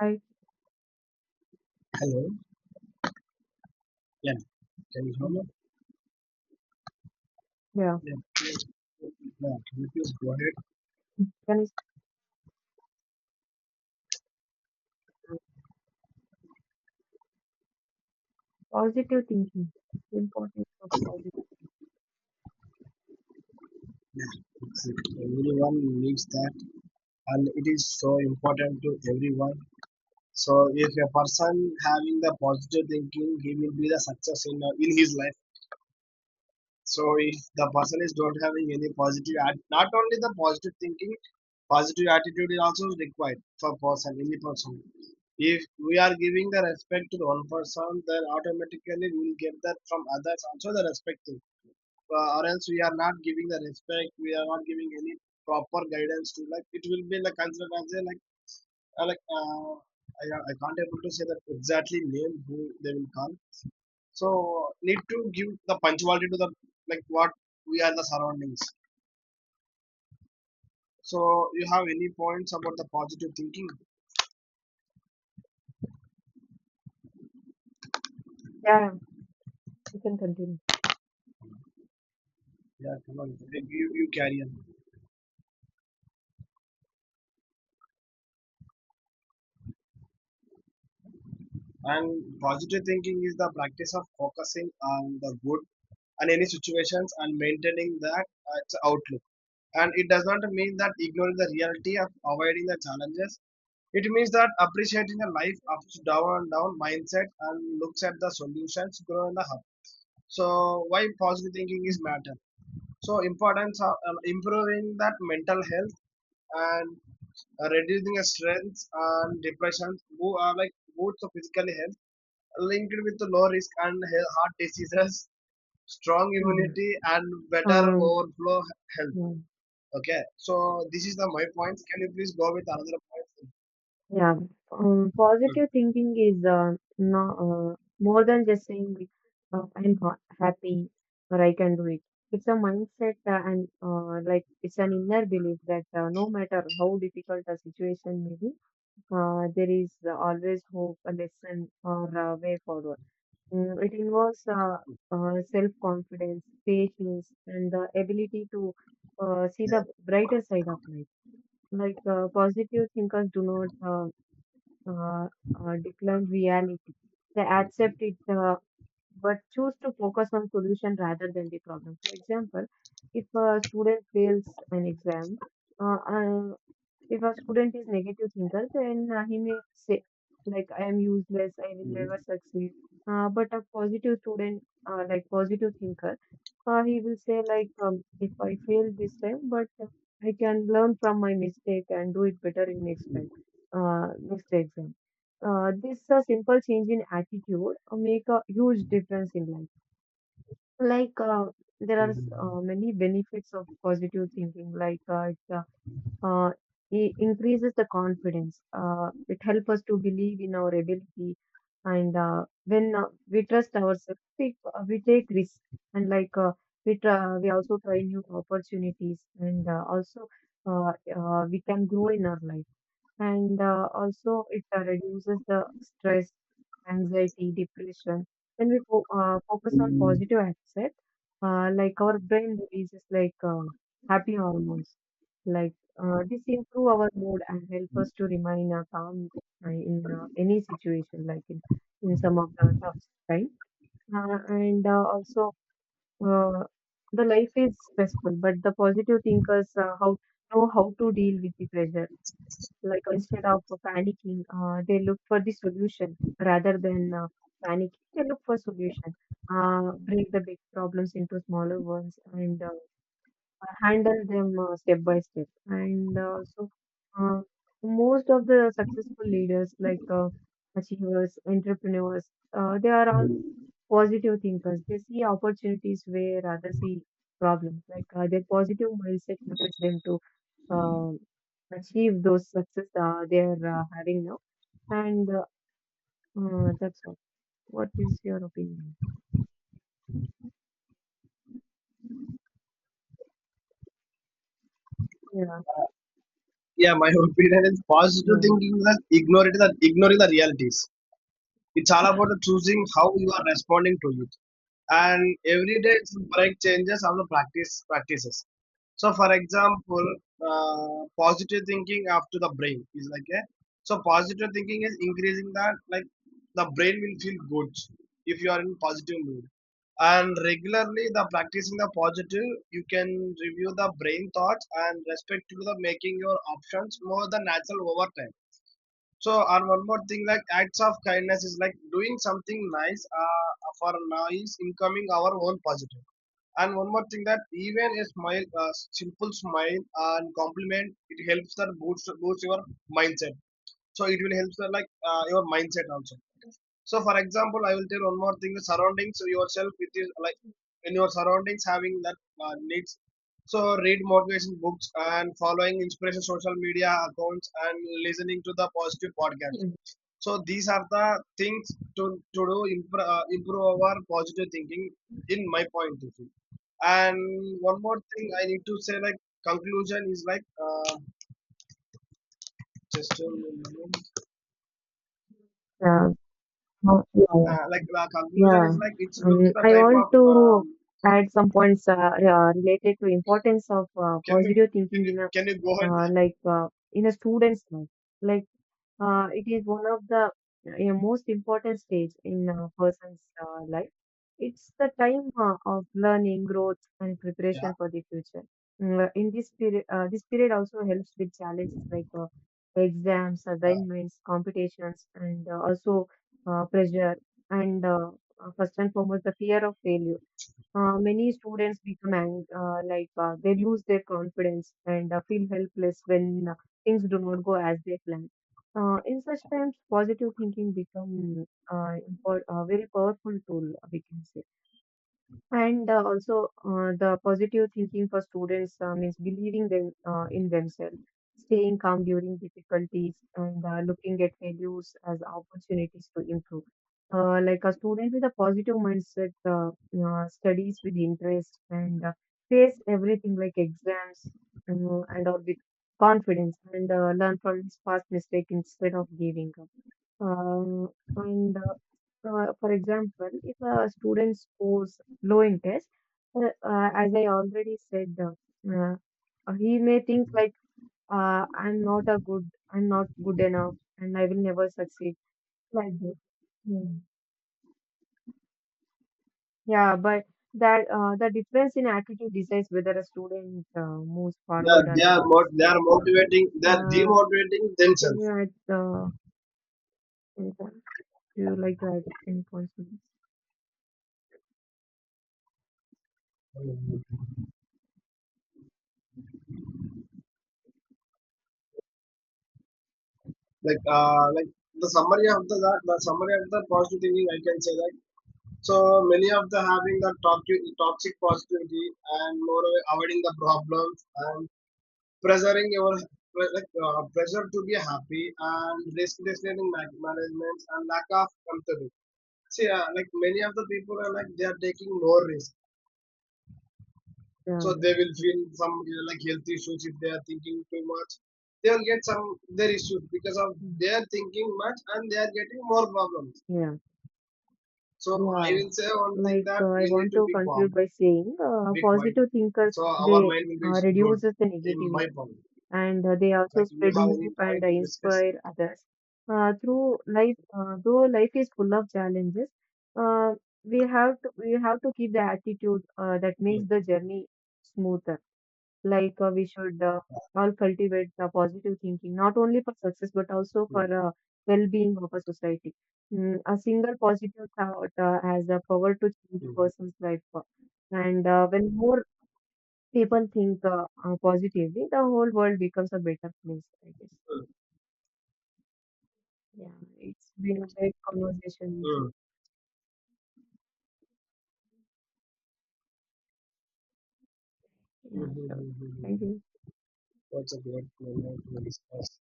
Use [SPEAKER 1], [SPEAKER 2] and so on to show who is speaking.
[SPEAKER 1] Right.
[SPEAKER 2] Hello. Yeah. Can you hear
[SPEAKER 1] mm,
[SPEAKER 2] me?
[SPEAKER 1] Yeah.
[SPEAKER 2] Yeah. Please. Yeah. Can you please go ahead?
[SPEAKER 1] Can is positive thinking. The importance of positive.
[SPEAKER 2] Yeah. It's, it. Everyone needs that, and it is so important to everyone. So if a person having the positive thinking, he will be the success in his life. So if the person is not having any positive, not only the positive thinking, positive attitude is also required for person, any person. If we are giving the respect to the one person, then automatically we will get that from others also the respecting. Or else we are not giving the respect, we are not giving any proper guidance to like it will be like considered as a uh, like uh, I, I can't able to say that exactly name who they will call so need to give the punctuality to the like what we are the surroundings. So you have any points about the positive thinking?
[SPEAKER 1] Yeah, you can continue.
[SPEAKER 2] Yeah, come on, you carry on. And positive thinking is the practice of focusing on the good and any situations and maintaining that its outlook. And it does not mean that ignoring the reality of avoiding the challenges. It means that appreciating the life ups, down and down mindset and looks at the solutions grow in the hub. So why positive thinking is matter? So importance of improving that mental health and reducing the strength and depression, who are like both the physical health linked with the low risk and heart diseases, strong
[SPEAKER 1] Mhm.
[SPEAKER 2] immunity and better
[SPEAKER 1] Um,
[SPEAKER 2] overflow health.
[SPEAKER 1] yeah.
[SPEAKER 2] Okay, so this is the my points. Can you please go with another point?
[SPEAKER 1] Yeah. Positive thinking is no, more than just saying I'm happy or I can do it. It's a mindset and like it's an inner belief that no matter how difficult a situation may be, there is always hope, a lesson, or a way forward. It involves self-confidence, patience, and the ability to see the brighter side of life. Like positive thinkers do not uh, decline reality; they accept it, but choose to focus on solution rather than the problem. For example, if a student fails an exam, uh, uh, if a student is negative thinker, then he may say like I am useless, I will never
[SPEAKER 2] Hmm.
[SPEAKER 1] succeed. But a positive student, like positive thinker, he will say like if I fail this time, but I can learn from my mistake and do it better in next time, next exam. This simple change in attitude make a huge difference in life. Like there are many benefits of positive thinking, like uh, it increases the confidence. It helps us to believe in our ability, and when we trust ourselves, we take risks, and we try, we also try new opportunities, and also we can grow in our life and also it reduces the stress, anxiety, depression. When we focus on positive aspect, like our brain releases like happy hormones, like this improve our mood and help us to remain calm in any situation, like in some of the tough time. Uh, and uh, also, uh, the life is stressful, but the positive thinkers how know how to deal with the pressure like instead of panicking, they look for the solution rather than panicking. They look for solution. Break the big problems into smaller ones and handle them step by step. Uh, Most of the successful leaders, like achievers, entrepreneurs, they are all positive thinkers. They see opportunities where others see problems. Like their positive mindset motivates them to um, achieve those success they are having now. And That's all. What is your opinion? Yeah,
[SPEAKER 2] Yeah, my opinion is positive
[SPEAKER 1] yeah,
[SPEAKER 2] thinking is that ignore it, that ignoring the realities. It's all about the choosing how you are responding to it. And every day it's break changes of the practices. So, for example, positive thinking after the brain is like a so positive thinking is increasing that like the brain will feel good if you are in positive mood. And regularly, the practicing the positive, you can review the brain thoughts and respect to the making your options more than natural over time so, and one more thing, like acts of kindness is like doing something nice for nice incoming our own positive. And one more thing that even a smile, a simple smile and compliment, it helps that boost your mindset. So it will help that like your mindset also. So for example, I will tell one more thing: the surroundings yourself with is like in your surroundings having that needs. So read motivation books and following inspiration social media accounts and listening to the positive podcast so these are the things to do improve, improve our positive thinking in my point of view. And one more thing I need to say like conclusion is like just a moment.
[SPEAKER 1] yeah, oh, yeah.
[SPEAKER 2] Like the conclusion
[SPEAKER 1] Yeah.
[SPEAKER 2] is like it looks the
[SPEAKER 1] I
[SPEAKER 2] type
[SPEAKER 1] want
[SPEAKER 2] of
[SPEAKER 1] to add some points related to importance of
[SPEAKER 2] can you
[SPEAKER 1] positive thinking in a
[SPEAKER 2] can you go ahead?
[SPEAKER 1] uh, like uh, in a student's life. Like it is one of the most important stage in a person's life. It's the time of learning, growth, and
[SPEAKER 2] Yeah.
[SPEAKER 1] preparation for the future. In this period also helps with challenges like exams,
[SPEAKER 2] Uh,
[SPEAKER 1] assignments, competitions, and also pressure and first and foremost the fear of failure. Many students become they lose their confidence and feel helpless when things do not go as they plan. In such times, positive thinking become a very powerful tool, we can say. The positive thinking for students means believing them in themselves, staying calm during difficulties, and looking at failures as opportunities to improve. Like a student with a positive mindset, studies with interest, and face everything like exams and all with confidence, and learn from his past mistake instead of giving up. Um, and For example, if a student scores low in test, as I already said, he may think like, " I'm not good enough, and I will never succeed." Like this. Mm. Yeah, but that the difference in attitude decides whether a student moves forward or remains
[SPEAKER 2] they
[SPEAKER 1] stuck.
[SPEAKER 2] are motivating, they are
[SPEAKER 1] Uh,
[SPEAKER 2] demotivating
[SPEAKER 1] can you
[SPEAKER 2] themselves.
[SPEAKER 1] add anything? Do you like to add any points on this?
[SPEAKER 2] Like the summary of the summary of the positive thinking I can say that. So many of the having the toxic positivity and more avoiding the problems and pressuring your like pressure to be happy and risk deciding management and lack of comfortability. See, like many of the people are like they are taking more risk, so
[SPEAKER 1] Yeah,
[SPEAKER 2] they
[SPEAKER 1] that's
[SPEAKER 2] will
[SPEAKER 1] it.
[SPEAKER 2] feel some like health issues if they are thinking too much. They will get some their issues because of
[SPEAKER 1] Mm.
[SPEAKER 2] they are thinking much and they are getting more problems.
[SPEAKER 1] Yeah.
[SPEAKER 2] So I
[SPEAKER 1] Yeah,
[SPEAKER 2] will say one thing
[SPEAKER 1] like
[SPEAKER 2] that
[SPEAKER 1] I
[SPEAKER 2] we need
[SPEAKER 1] want
[SPEAKER 2] to
[SPEAKER 1] to
[SPEAKER 2] be
[SPEAKER 1] conclude
[SPEAKER 2] calm
[SPEAKER 1] by saying
[SPEAKER 2] big white.
[SPEAKER 1] positive thinkers
[SPEAKER 2] So our
[SPEAKER 1] they
[SPEAKER 2] mind will be good
[SPEAKER 1] reduces the
[SPEAKER 2] in my
[SPEAKER 1] negativity
[SPEAKER 2] point.
[SPEAKER 1] and they also
[SPEAKER 2] Like you
[SPEAKER 1] spread
[SPEAKER 2] have any
[SPEAKER 1] hope and
[SPEAKER 2] point to discuss?
[SPEAKER 1] inspire others. Though life is full of challenges, uh, we have to keep the attitude that makes
[SPEAKER 2] Mm,
[SPEAKER 1] the journey smoother. Like we should all cultivate the positive thinking not only for success but also for
[SPEAKER 2] mm,
[SPEAKER 1] well-being of a society. Mm, a single positive thought has the power to change a
[SPEAKER 2] mm,
[SPEAKER 1] person's life, and when more people think positively the whole world becomes a better place, I guess.
[SPEAKER 2] mm,
[SPEAKER 1] Yeah, it's been a great conversation with
[SPEAKER 2] mm,
[SPEAKER 1] you.
[SPEAKER 2] mm, mm,
[SPEAKER 1] Yeah, sure.
[SPEAKER 2] mm, mm,
[SPEAKER 1] Thank
[SPEAKER 2] mm.
[SPEAKER 1] you.
[SPEAKER 2] That's a great point to discuss.